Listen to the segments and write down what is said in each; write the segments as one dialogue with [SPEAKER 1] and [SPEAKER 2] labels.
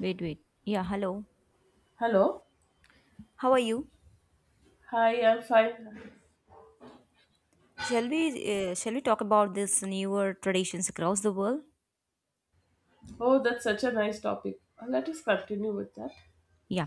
[SPEAKER 1] Wait, wait. Yeah, hello.
[SPEAKER 2] Hello.
[SPEAKER 1] How are you?
[SPEAKER 2] Hi, I'm fine.
[SPEAKER 1] Shall we talk about this newer traditions across the world?
[SPEAKER 2] Oh, that's such a nice topic. Let us continue with that.
[SPEAKER 1] Yeah.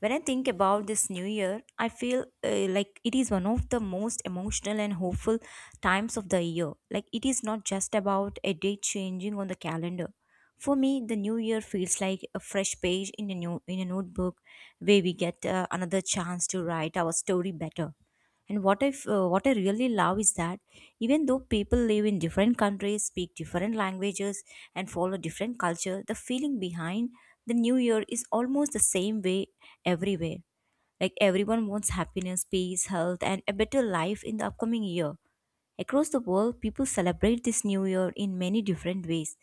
[SPEAKER 1] When I think about this new year, I feel like it is one of the most emotional and hopeful times of the year. Like it is not just about a date changing on the calendar. For me, the new year feels like a fresh page in a new in a notebook where we get another chance to write our story better. And what I really love is that even though people live in different countries, speak different languages, and follow different culture, the feeling behind the New Year is almost the same way everywhere, like everyone wants happiness, peace, health, and a better life in the upcoming year. Across the world, people celebrate this new year in many different ways.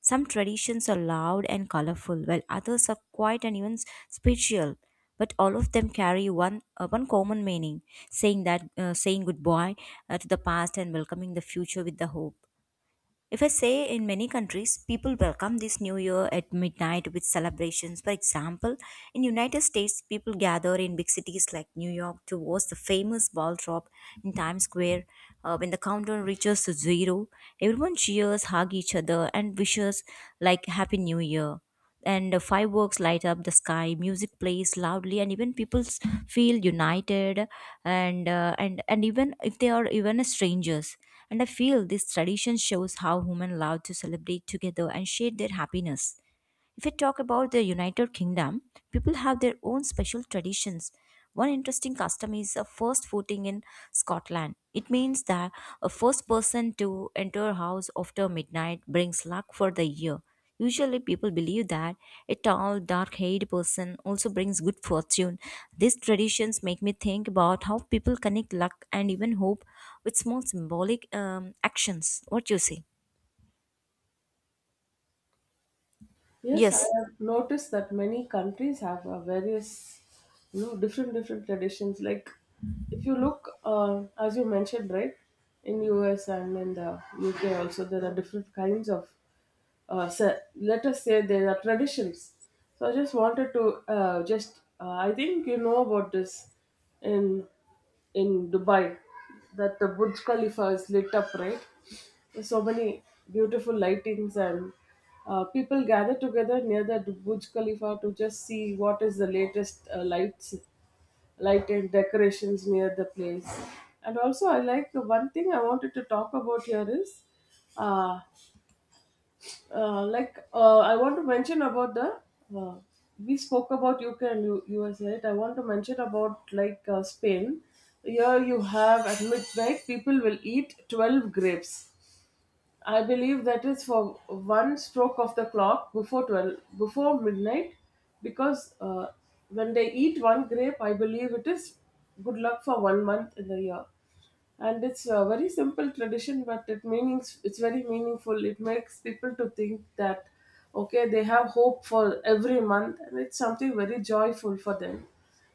[SPEAKER 1] Some traditions are loud and colorful, while others are quiet and even spiritual. But all of them carry one common meaning, saying goodbye to the past and welcoming the future with the hope. If I say, in many countries, people welcome this new year at midnight with celebrations. For example, in United States, people gather in big cities like New York to watch the famous ball drop in Times Square. When the countdown reaches to zero, everyone cheers, hug each other, and wishes like Happy New Year, and fireworks light up the sky, music plays loudly, and even feel united, and even if they are even strangers. And I feel this tradition shows how women love to celebrate together and share their happiness. If we talk about the United Kingdom, people have their own special traditions. One interesting custom is a first footing in Scotland. It means that a first person to enter a house after midnight brings luck for the year. Usually, people believe that a tall, dark haired person also brings good fortune. These traditions make me think about how people connect luck and even hope with small symbolic actions. What you say?
[SPEAKER 2] Yes, I
[SPEAKER 1] Yes.
[SPEAKER 2] have noticed that many countries have various, you know, different traditions. Like, if you look, as you mentioned, right, in US and in the UK also, there are different kinds of, let us say, there are traditions. So I just wanted to I think you know about this in in Dubai, that the Burj Khalifa is lit up, right? So many beautiful lightings and people gather together near the Burj Khalifa to just see what is the latest light and decorations near the place. And also, I like the one thing I wanted to talk about here is, uh, I want to mention about the. Uh, we spoke about UK and US, right? I want to mention about like Spain. Here you have at midnight people will eat 12 grapes. I believe that is for one stroke of the clock before 12, before midnight, because when they eat one grape, I believe it is good luck for 1 month in the year. And it's a very simple tradition, but it meanings it's very meaningful. It makes people to think that okay, they have hope for every month, and it's something very joyful for them.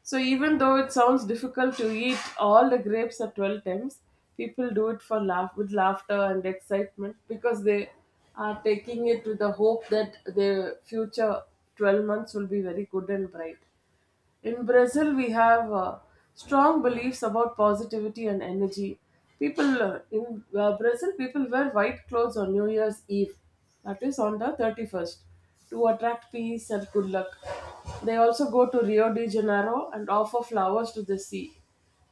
[SPEAKER 2] So even though it sounds difficult to eat all the grapes at 12 times, people do it for laugh with laughter and excitement because they are taking it with the hope that their future 12 months will be very good and bright. In Brazil, we have strong beliefs about positivity and energy. People in Brazil, people wear white clothes on New Year's Eve, that is on the 31st, to attract peace and good luck. They also go to Rio de Janeiro and offer flowers to the sea.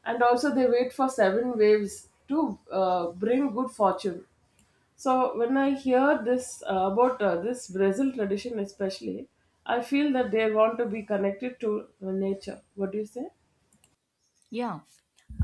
[SPEAKER 2] And also, they wait for seven waves to bring good fortune. So when I hear this about this Brazil tradition, especially, I feel that they want to be connected to nature. What do you say?
[SPEAKER 1] Yeah,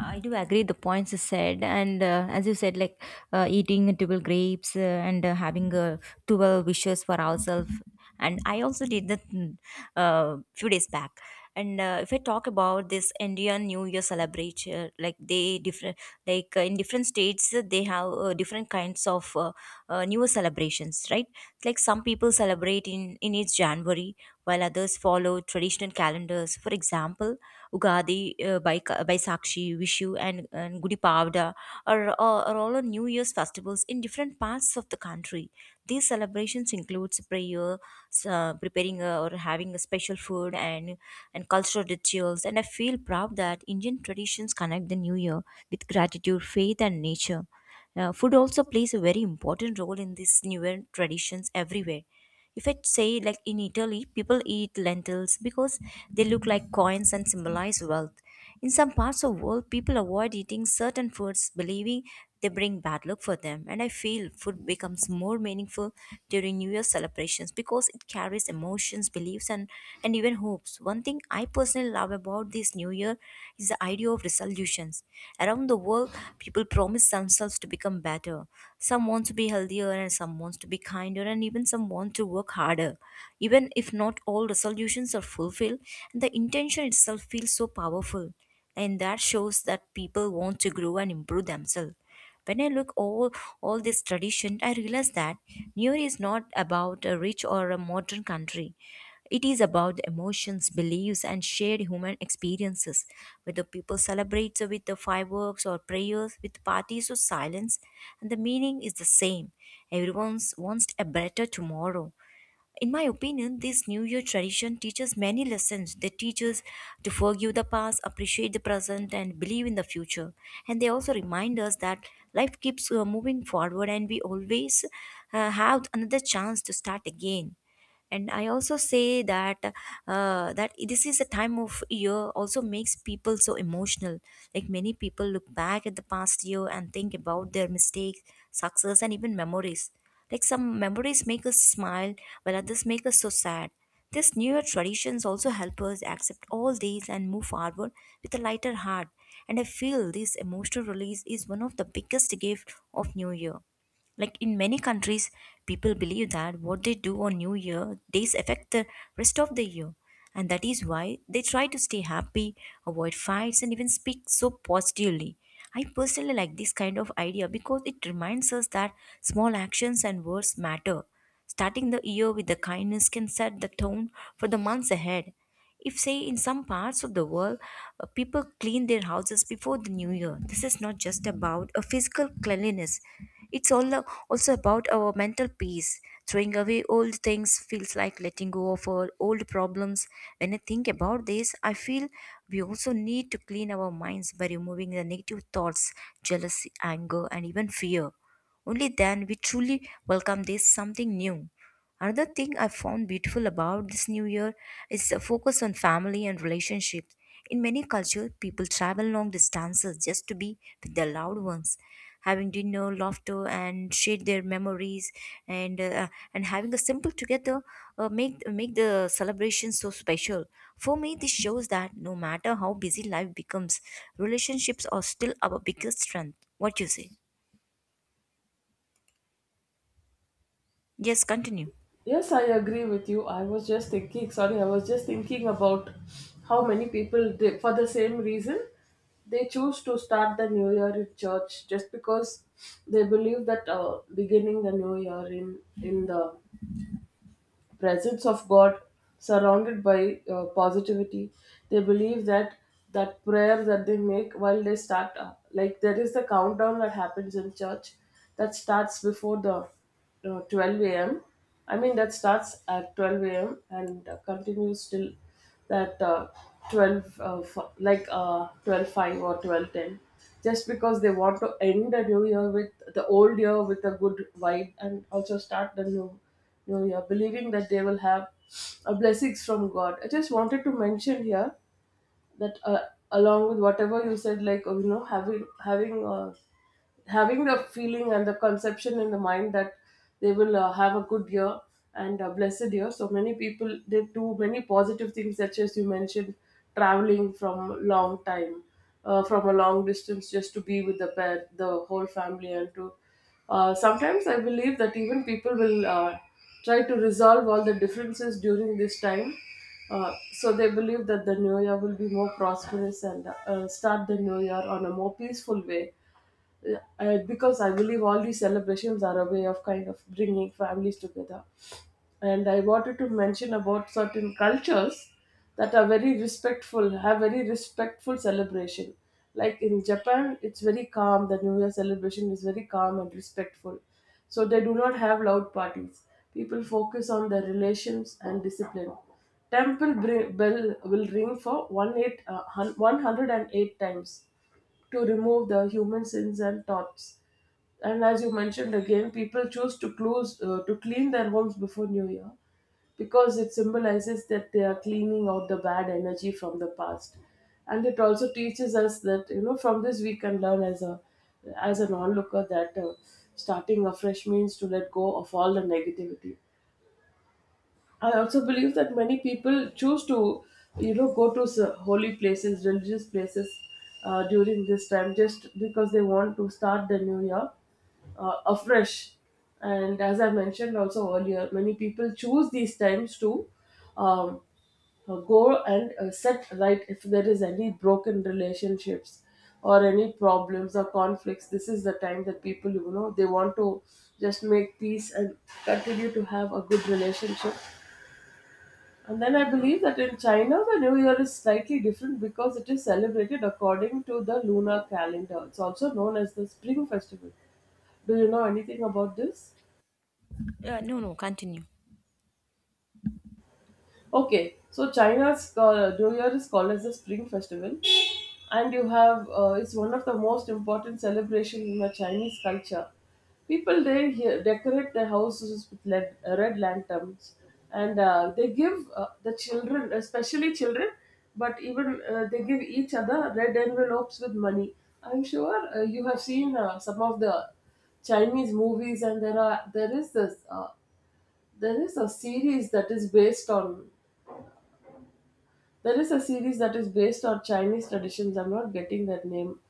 [SPEAKER 1] I do agree the points you said, and as you said, like eating 12 grapes and having 12 wishes for ourselves. And I also did that, few days back. And if I talk about this Indian New Year celebration, like they different, like in different states, they have different kinds of New Year celebrations, right? Like some people celebrate in each January, while others follow traditional calendars. For example, Ugadi, Baisakshi, Vishu, and Gudi Pavda are all on New Year's festivals in different parts of the country. These celebrations includes prayer, preparing or having a special food and cultural rituals. And I feel proud that Indian traditions connect the New Year with gratitude, faith, and nature. Food also plays a very important role in these newer traditions everywhere. If I say, like in Italy, people eat lentils because they look like coins and symbolize wealth. In some parts of the world, people avoid eating certain foods, believing they bring bad luck for them. And I feel food becomes more meaningful during New Year celebrations because it carries emotions, beliefs, and even hopes. One thing I personally love about this new year is the idea of resolutions. Around the world, people promise themselves to become better. Some want to be healthier, and some wants to be kinder, and even some want to work harder. Even if not all resolutions are fulfilled, the intention itself feels so powerful, and that shows that people want to grow and improve themselves. When I look over all this tradition, I realize that New Year is not about a rich or a modern country. It is about the emotions, beliefs, and shared human experiences. Whether people celebrate with the fireworks or prayers, with parties or silence, and the meaning is the same. Everyone wants a better tomorrow. In my opinion, this New Year tradition teaches many lessons. They teach us to forgive the past, appreciate the present, and believe in the future. And they also remind us that life keeps moving forward, and we always have another chance to start again. And I also say that this is a time of year also makes people so emotional, like many people look back at the past year and think about their mistakes, success, and even memories, like some memories make us smile, while others make us so sad. These New Year traditions also help us accept all these and move forward with a lighter heart. And I feel this emotional release is one of the biggest gifts of New Year. Like in many countries, people believe that what they do on New Year days affect the rest of the year. And that is why they try to stay happy, avoid fights, and even speak so positively. I personally like this kind of idea because it reminds us that small actions and words matter. Starting the year with the kindness can set the tone for the months ahead. If, say, in some parts of the world, people clean their houses before the new year, this is not just about a physical cleanliness. It's all a- also about our mental peace. Throwing away old things feels like letting go of our old problems. When I think about this, I feel we also need to clean our minds by removing the negative thoughts, jealousy, anger, and even fear. Only then we truly welcome this something new. Another thing I found beautiful about this new year is the focus on family and relationships. In many cultures, people travel long distances just to be with their loved ones, having dinner, laughter, and share their memories, and uh, and having a simple together make the celebration so special. For me, this shows that no matter how busy life becomes, relationships are still our biggest strength. What you say? Yes, continue.
[SPEAKER 2] Yes, I agree with you. I was just thinking. Sorry, I was just thinking about how many people they, for the same reason they choose to start the new year in church just because they believe that beginning the new year in the presence of God, surrounded by positivity. They believe that prayer that they make while they start, like there is the countdown that happens in church that starts before the 12 a.m. I mean, that starts at 12 a.m. and continues till that uh, 12 uh, f- like uh, 12 5 or 12:10, just because they want to end the new year with the old year with a good vibe and also start the new year believing that they will have blessings from God. I just wanted to mention here that along with whatever you said, like, having having the feeling and the conception in the mind that they will have a good year and a blessed year. So many people they do many positive things such as you mentioned, traveling from long time, from a long distance just to be with the pet, the whole family, and to sometimes I believe that even people will try to resolve all the differences during this time. So they believe that the new year will be more prosperous and start the new year on a more peaceful way, because I believe all these celebrations are a way of kind of bringing families together. And I wanted to mention about certain cultures that are very respectful, have very respectful celebration. Like in Japan, it's very calm. The New Year celebration is very calm and respectful. So they do not have loud parties. People focus on their relations and discipline. Temple bell will ring for 108, 108 times to remove the human sins and thoughts. And as you mentioned again, people choose to close to clean their homes before New Year because it symbolizes that they are cleaning out the bad energy from the past, and it also teaches us that you know from this we can learn as a as an onlooker that starting afresh means to let go of all the negativity. I also believe that many people choose to, you know, go to holy places, religious places during this time just because they want to start the new year afresh. And as I mentioned also earlier, many people choose these times to um, go and set right if there is any broken relationships or any problems or conflicts. This is the time that people, you know, they want to just make peace and continue to have a good relationship. And then I believe that in China, the New Year is slightly different because it is celebrated according to the lunar calendar. It's also known as the Spring Festival. Do you know anything about this?
[SPEAKER 1] No, no, continue.
[SPEAKER 2] Okay, so China's New Year is called as the Spring Festival, and you have it's one of the most important celebrations in the Chinese culture. People there here decorate their houses with led, red lanterns, and they give the children, especially children, but even they give each other red envelopes with money. I'm sure you have seen some of the Chinese movies, and there are there is this there is a series that is based on there is a series that is based on Chinese traditions. I'm not getting that name.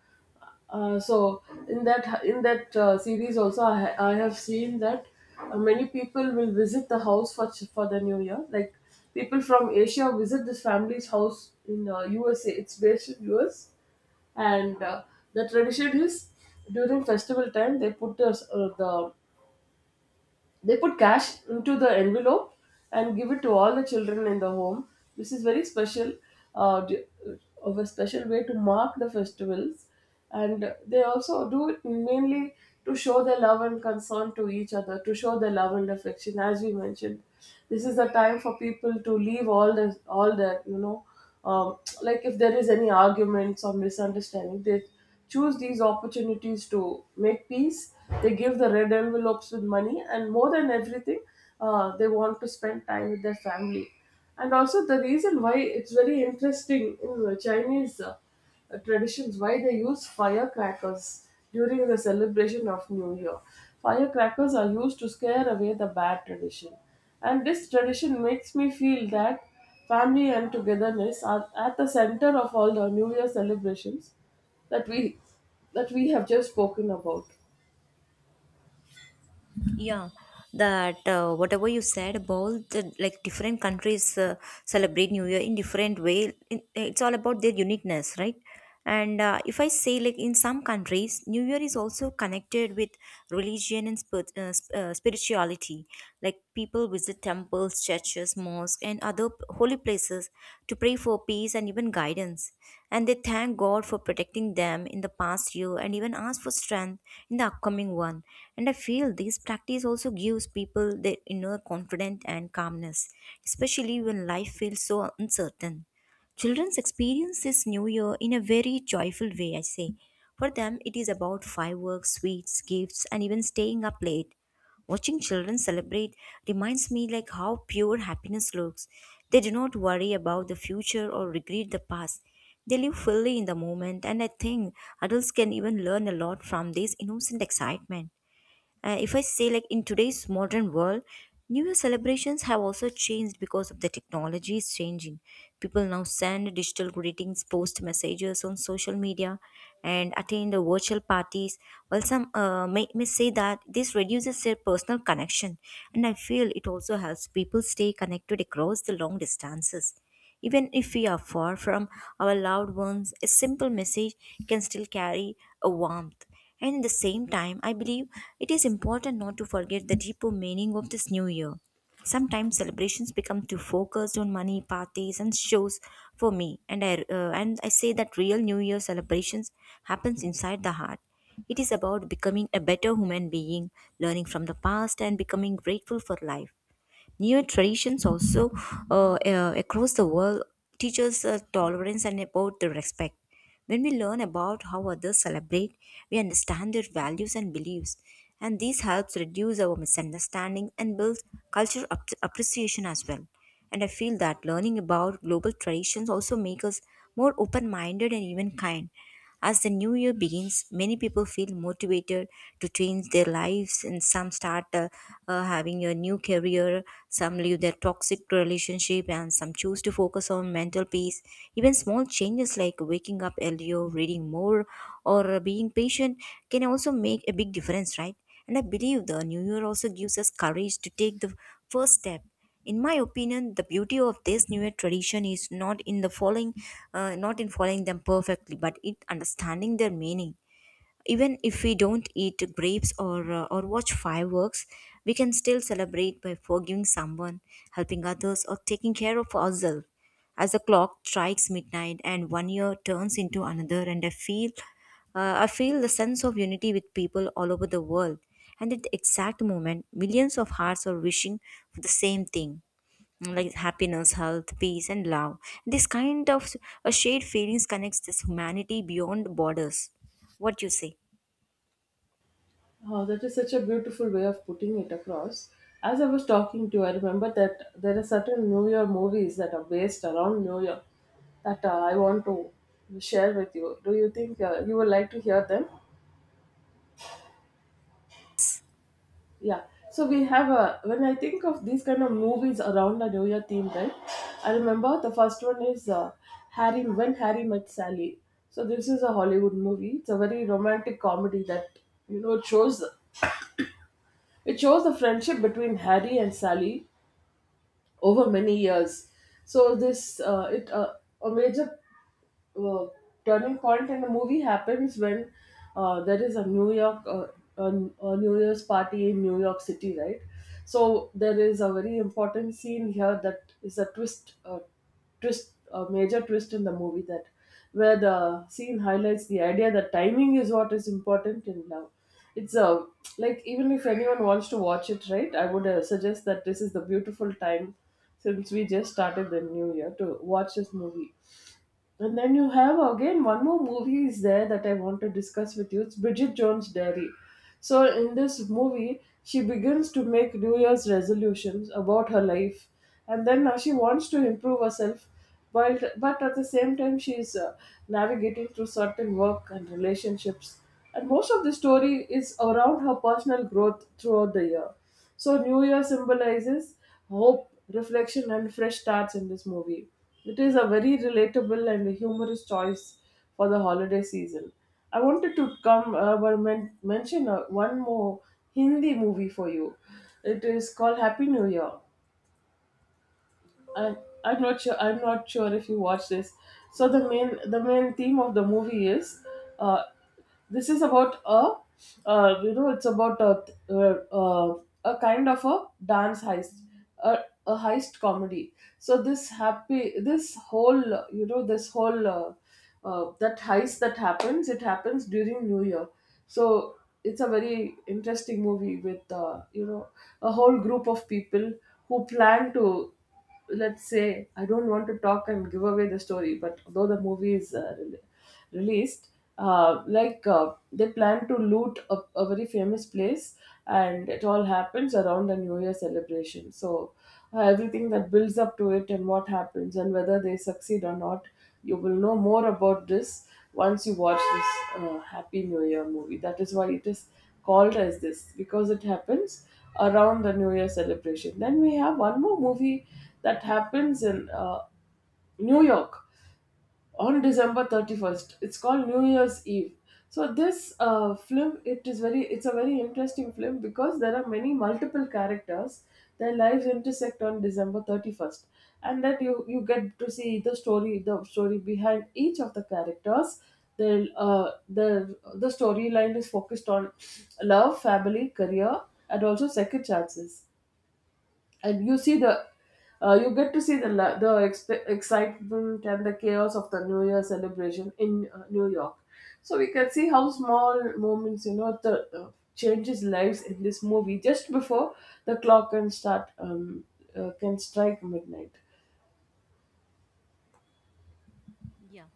[SPEAKER 2] So in that series also, I have seen that many people will visit the house for for the New Year. Like people from Asia visit this family's house in USA. It's based in US, and the tradition is during festival time they put they put cash into the envelope and give it to all the children in the home. This is very special, uh, d- of a special way to mark the festivals, and they also do it mainly to show their love and concern to each other, to show their love and affection. As we mentioned, this is the time for people to leave all this all that, you know, like if there is any arguments or misunderstanding, they choose these opportunities to make peace. They give the red envelopes with money, and more than everything, they want to spend time with their family. And also the reason why it's very interesting in the Chinese traditions why they use firecrackers during the celebration of New Year. Firecrackers are used to scare away the bad tradition. And this tradition makes me feel that family and togetherness are at the center of all the New Year celebrations that we that we have just spoken about.
[SPEAKER 1] Yeah, that whatever you said about the, like different countries celebrate New Year in different way, in, it's all about their uniqueness, right? And if I say like in some countries, New Year is also connected with religion and spirituality. Like people visit temples, churches, mosques, and other holy places to pray for peace and even guidance. And they thank God for protecting them in the past year and even ask for strength in the upcoming one. And I feel this practice also gives people their inner confidence and calmness, especially when life feels so uncertain. Children's experience this new year in a very joyful way, I say. For them, it is about fireworks, sweets, gifts, and even staying up late. Watching children celebrate reminds me like how pure happiness looks. They do not worry about the future or regret the past. They live fully in the moment, and I think adults can even learn a lot from this innocent excitement. And if I say like in today's modern world, New Year celebrations have also changed because of the technology is changing. People now send digital greetings, post messages on social media, and attend the virtual parties. While some may say that this reduces their personal connection, and I feel it also helps people stay connected across the long distances. Even if we are far from our loved ones, a simple message can still carry a warmth. And at the same time, I believe it is important not to forget the deeper meaning of this new year. Sometimes celebrations become too focused on money, parties, and shows for me, and I say that real New Year celebrations happens inside the heart. It is about becoming a better human being, learning from the past, and becoming grateful for life. New traditions also across the world teach us tolerance and about the respect. When we learn about how others celebrate, we understand their values and beliefs, and this helps reduce our misunderstanding and builds cultural appreciation as well. And I feel that learning about global traditions also makes us more open minded and even kind. As the new year begins, many people feel motivated to change their lives, and some start having a new career, some leave their toxic relationship, and some choose to focus on mental peace. Even small changes like waking up earlier, reading more, or being patient can also make a big difference, right? And I believe the new year also gives us courage to take the first step. In my opinion, the beauty of this newer tradition is not in the following not in following them perfectly, but in understanding their meaning. Even if we don't eat grapes, or watch fireworks, we can still celebrate by forgiving someone, helping others, or taking care of ourselves. As the clock strikes midnight and one year turns into another, and I feel the sense of unity with people all over the world. And at the exact moment, millions of hearts are wishing for the same thing, like happiness, health, peace, and love. This kind of shared feelings connects this humanity beyond borders. What you say?
[SPEAKER 2] Oh, that is such a beautiful way of putting it across. As I was talking to you, I remember that there are certain New Year movies that are based around New Year that I want to share with you. Do you think you would like to hear them? Yeah. So we have a when I think of these kind of movies around the New Year theme, right? I remember the first one is Harry when Harry met Sally. So this is a Hollywood movie. It's a very romantic comedy that you know it shows the friendship between Harry and Sally over many years. So this it a major uh, turning point in the movie happens when there is a a New Year's party in New York City, right? So there is a very important scene here that is a a major twist in the movie, that where the scene highlights the idea that timing is what is important in love. It's a like even if anyone wants to watch it, right? I would suggest that this is the beautiful time since we just started the new year to watch this movie. And then you have again one more movie is there that I want to discuss with you. It's Bridget Jones' Diary. So in this movie, she begins to make New Year's resolutions about her life, and then now she wants to improve herself, but at the same time she's navigating through certain work and relationships, and most of the story is around her personal growth throughout the year. So, New Year symbolizes hope, reflection, and fresh starts in this movie. It is a very relatable and humorous choice for the holiday season. I wanted to come mention one more Hindi movie for you. It is called Happy New Year. I I'm not sure if you watch this. So the main theme of the movie is uh, this is about a you know it's about uh, a kind of a dance heist a, a heist comedy. So this happy this whole you know this whole that heist that happens, it happens during New Year. So it's a very interesting movie with a whole group of people who plan to, let's say, I don't want to talk and give away the story, but though the movie is released, they plan to loot a very famous place, and it all happens around the New Year celebration. So everything that builds up to it and what happens and whether they succeed or not, you will know more about this once you watch this Happy New Year movie. That is why it is called as this, because it happens around the New Year celebration. Then we have one more movie that happens in New York on December 31st. It's called New Year's Eve. So this film, it's a very interesting film because there are many multiple characters. Their lives intersect on December 31st, and that you get to see the story behind each of the characters. Their uh, their the storyline is focused on love, family, career, and also second chances, and you see the, you get to see the excitement and the chaos of the new year celebration in New York. So we can see how small moments, you know the changes lives in this movie just before the clock can start can strike midnight.
[SPEAKER 1] Yeah.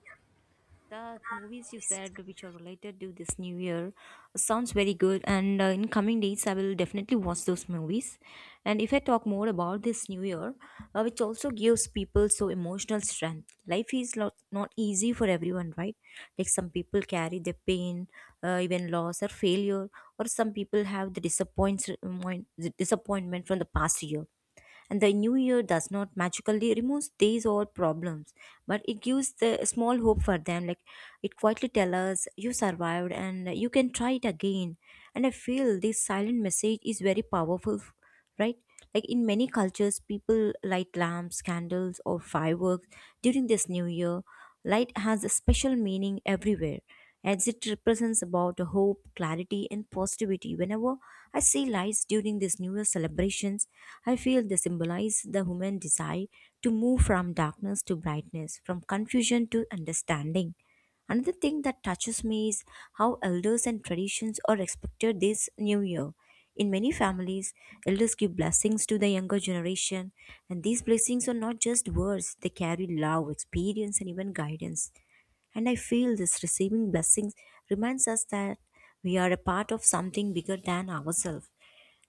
[SPEAKER 1] The movies you said which are related to this new year sounds very good, and in coming days I will definitely watch those movies. And if I talk more about this new year, which also gives people so emotional strength, life is lot, not easy for everyone, right? Like some people carry the pain, even loss or failure, or some people have the disappointment from the past year. And the new year does not magically remove these old problems, but it gives the small hope for them. Like, it quietly tells us, you survived and you can try it again. And I feel this silent message is very powerful, right? Like in many cultures, people light lamps, candles, or fireworks during this new year. Light has a special meaning everywhere, as it represents about hope, clarity, and positivity. Whenever I see lights during these New Year celebrations, I feel they symbolize the human desire to move from darkness to brightness, from confusion to understanding. Another thing that touches me is how elders and traditions are respected this new year. In many families, elders give blessings to the younger generation, and these blessings are not just words, they carry love, experience, and even guidance. And I feel this receiving blessings reminds us that we are a part of something bigger than ourselves.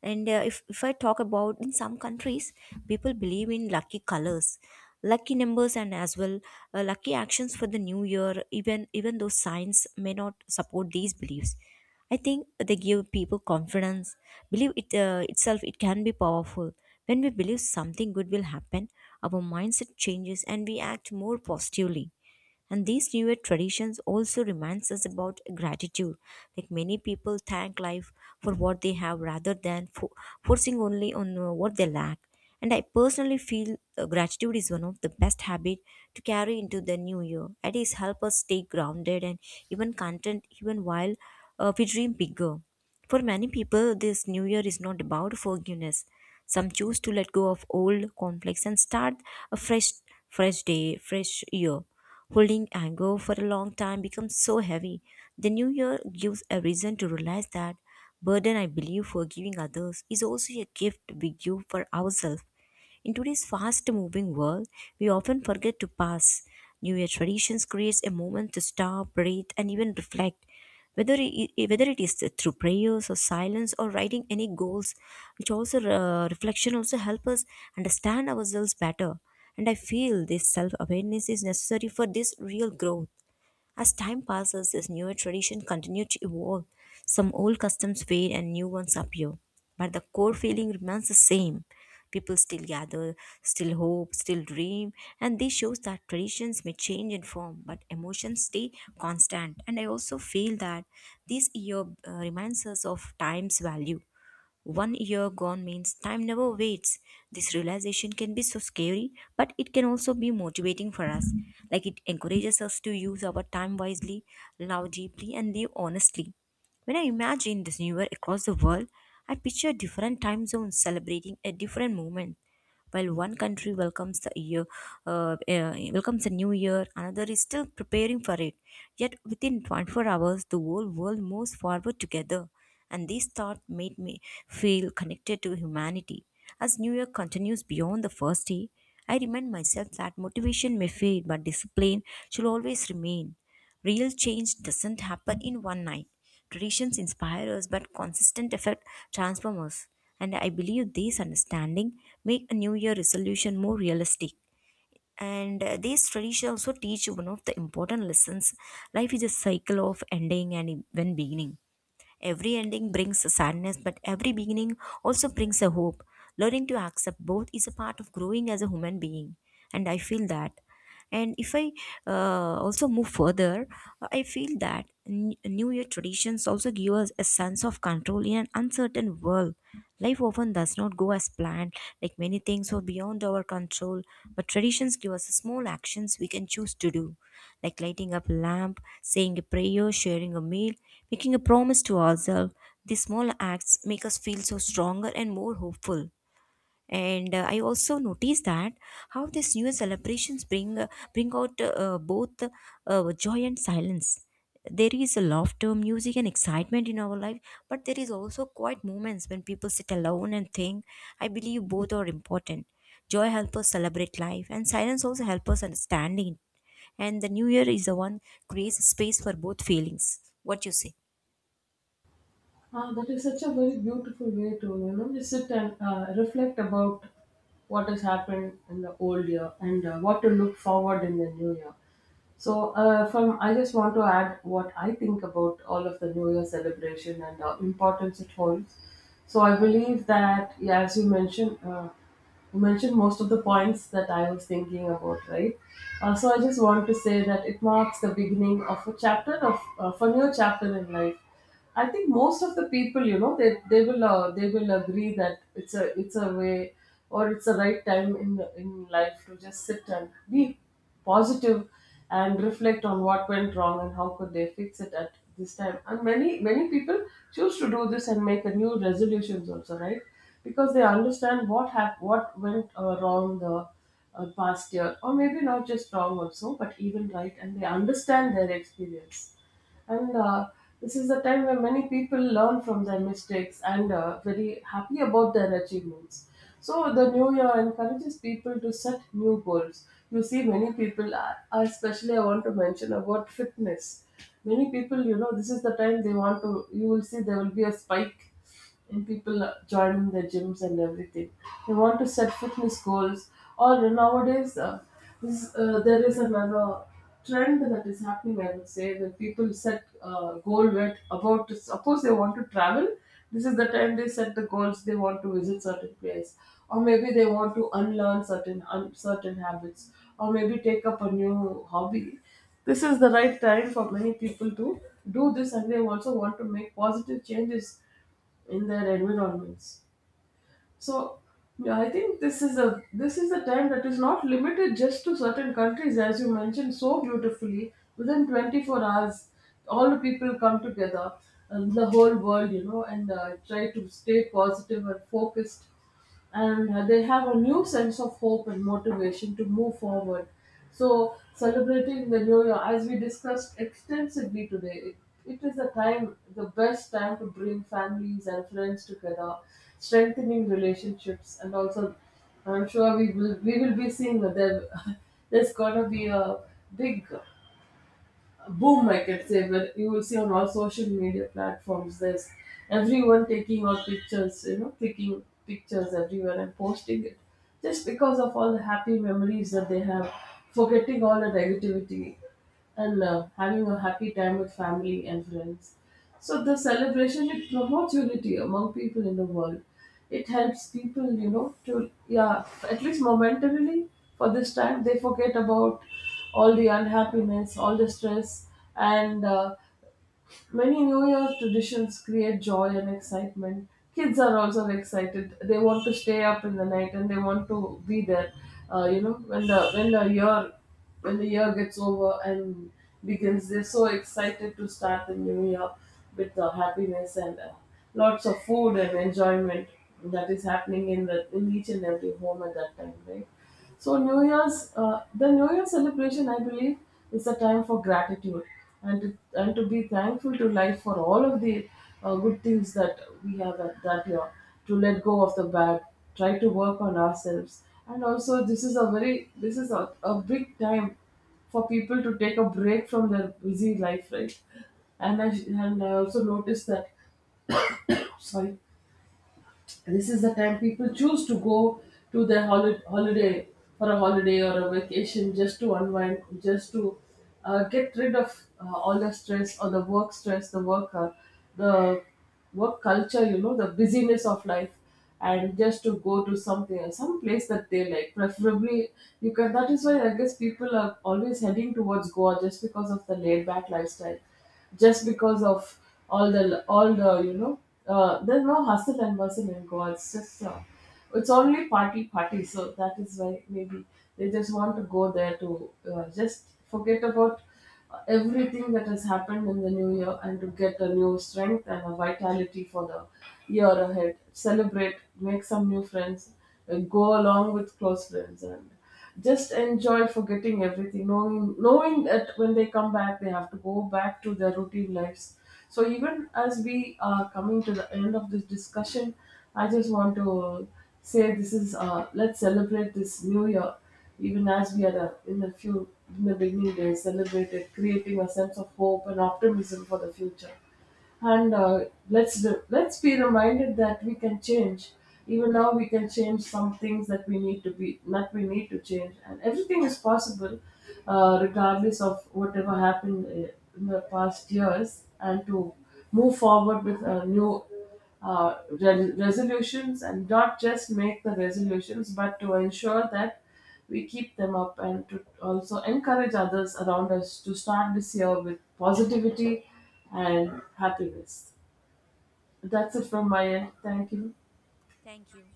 [SPEAKER 1] And if I talk about in some countries, people believe in lucky colors, lucky numbers, and as well lucky actions for the new year. Even though science may not support these beliefs, I think they give people confidence. Believe it itself; it can be powerful. When we believe something good will happen, our mindset changes and we act more positively. And these newer traditions also reminds us about gratitude, like many people thank life for what they have rather than forcing only on what they lack. And I personally feel gratitude is one of the best habit to carry into the new year, at least help us stay grounded and even content even while we dream bigger. For many people, this new year is not about forgiveness. Some choose to let go of old conflicts and start a fresh, fresh day, fresh year. Holding anger for a long time becomes so heavy. The new year gives a reason to realize that burden. I believe forgiving others is also a gift we give for ourselves. In today's fast-moving world, we often forget to pause. New Year traditions creates a moment to stop, breathe, and even reflect. Whether it is through prayers or silence or writing any goals, which also reflection also help us understand ourselves better. And I feel this self-awareness is necessary for this real growth. As time passes, this newer tradition continues to evolve. Some old customs fade and new ones appear, but the core feeling remains the same. People still gather, still hope, still dream, and this shows that traditions may change in form, but emotions stay constant. And I also feel that this year reminds us of time's value. One year gone means time never waits. This realization can be so scary, but it can also be motivating for us. Like, it encourages us to use our time wisely, love deeply, and live honestly. When I imagine this new year across the world, I picture different time zones celebrating a different moment. While one country welcomes the year, welcomes a new year, another is still preparing for it. Yet within 24 hours, the whole world moves forward together. And this thought made me feel connected to humanity. As New Year continues beyond the first day, I remind myself that motivation may fade, but discipline should always remain. Real change doesn't happen in one night. Traditions inspire us, but consistent effort transform us. And I believe this understanding make a New Year resolution more realistic. And these traditions also teach one of the important lessons. Life is a cycle of ending and even beginning. Every ending brings a sadness, but every beginning also brings a hope. Learning to accept both is a part of growing as a human being. And I feel that, and if I also move further, I feel that new year traditions also give us a sense of control in an uncertain world. Life often does not go as planned, like many things are beyond our control, but traditions give us small actions we can choose to do, like lighting up a lamp, saying a prayer, sharing a meal, making a promise to ourselves. These small acts make us feel so stronger and more hopeful. And I also notice that how these new celebrations bring out both joy and silence. There is a laughter, music, and excitement in our life, but there is also quiet moments when people sit alone and think. I believe both are important. Joy helps us celebrate life, and silence also helps us understand it. And the new year is the one creates space for both feelings. What you say?
[SPEAKER 2] Ah, that is such a very beautiful way to, you know, just sit and reflect about what has happened in the old year and what to look forward in the new year. So, from I just want to add what I think about all of the New Year celebration and the importance it holds. So, I believe that, yeah, as you mentioned most of the points that I was thinking about, right? So, I just want to say that it marks the beginning of a chapter of a new chapter in life. I think most of the people, you know, they will agree that it's a way or it's a right time in life to just sit and be positive and reflect on what went wrong and how could they fix it at this time. And many people choose to do this and make a new resolutions also, right? Because they understand what went wrong the past year, or maybe not just wrong also, but even right, and they understand their experience, and this is the time where many people learn from their mistakes and very happy about their achievements. So the new year encourages people to set new goals. You see many especially I want to mention about fitness. Many people, you know, this is the time they want to, you will see there will be a spike and people are joining the gyms and everything. They want to set fitness goals. Or nowadays, there is another trend that is happening. I would say that people set goal with, about, suppose they want to travel. This is the time they set the goals. They want to visit certain place, or maybe they want to unlearn certain habits, or maybe take up a new hobby. This is the right time for many people to do this, and they also want to make positive changes in their environments. So yeah, I think this is a time that is not limited just to certain countries, as you mentioned so beautifully. Within 24 hours, all the people come together, and the whole world, you know, and try to stay positive and focused, and they have a new sense of hope and motivation to move forward. So, celebrating the new year, as we discussed extensively today, it is the time, the best time, to bring families and friends together, strengthening relationships, and also I'm sure we will be seeing that there, there's gonna be a big boom, I can say, where you will see on all social media platforms, there's everyone taking all pictures, you know, taking pictures everywhere and posting it just because of all the happy memories that they have, forgetting all the negativity and having a happy time with family and friends. So the celebration, it promotes unity among people in the world. It helps people, you know, to, yeah, at least momentarily, for this time they forget about all the unhappiness, all the stress, and many New Year traditions create joy and excitement. Kids are also excited. They want to stay up in the night and they want to be there. You know, when the year gets over and begins, they're so excited to start the new year with happiness and lots of food and enjoyment that is happening in the in each and every home at that time, right? So the New Year celebration, I believe, is a time for gratitude and to be thankful to life for all of the good things that we have at that year. To let go of the bad, try to work on ourselves, and also this is a a big time for people to take a break from their busy life, right? And I and I also noticed that, sorry, this is the time people choose to go to their holiday, for a holiday or a vacation, just to unwind, just to get rid of all the stress or the work stress, the work culture, you know, the busyness of life, and just to go to something, some place that they like, preferably. You can, that is why I guess people are always heading towards Goa, just because of the laid back lifestyle, just because of all the you know, there's no hustle and bustle in Goa. It's just it's only party party. So that is why maybe they just want to go there to just forget about everything that has happened in the new year and to get a new strength and a vitality for the year ahead. Celebrate, make some new friends, and go along with close friends and just enjoy forgetting everything, knowing that when they come back they have to go back to their routine lives. So even as we are coming to the end of this discussion, I just want to say this is let's celebrate this new year. Even as we are in the few, in the beginning they celebrated, creating a sense of hope and optimism for the future. And let's be reminded that we can change. Even now, we can change some things that we need to be that we need to change, and everything is possible, regardless of whatever happened in the past years, and to move forward with a new resolutions, and not just make the resolutions but to ensure that we keep them up and to also encourage others around us to start this year with positivity and happiness. That's it from my end. Thank you.
[SPEAKER 1] Thank you.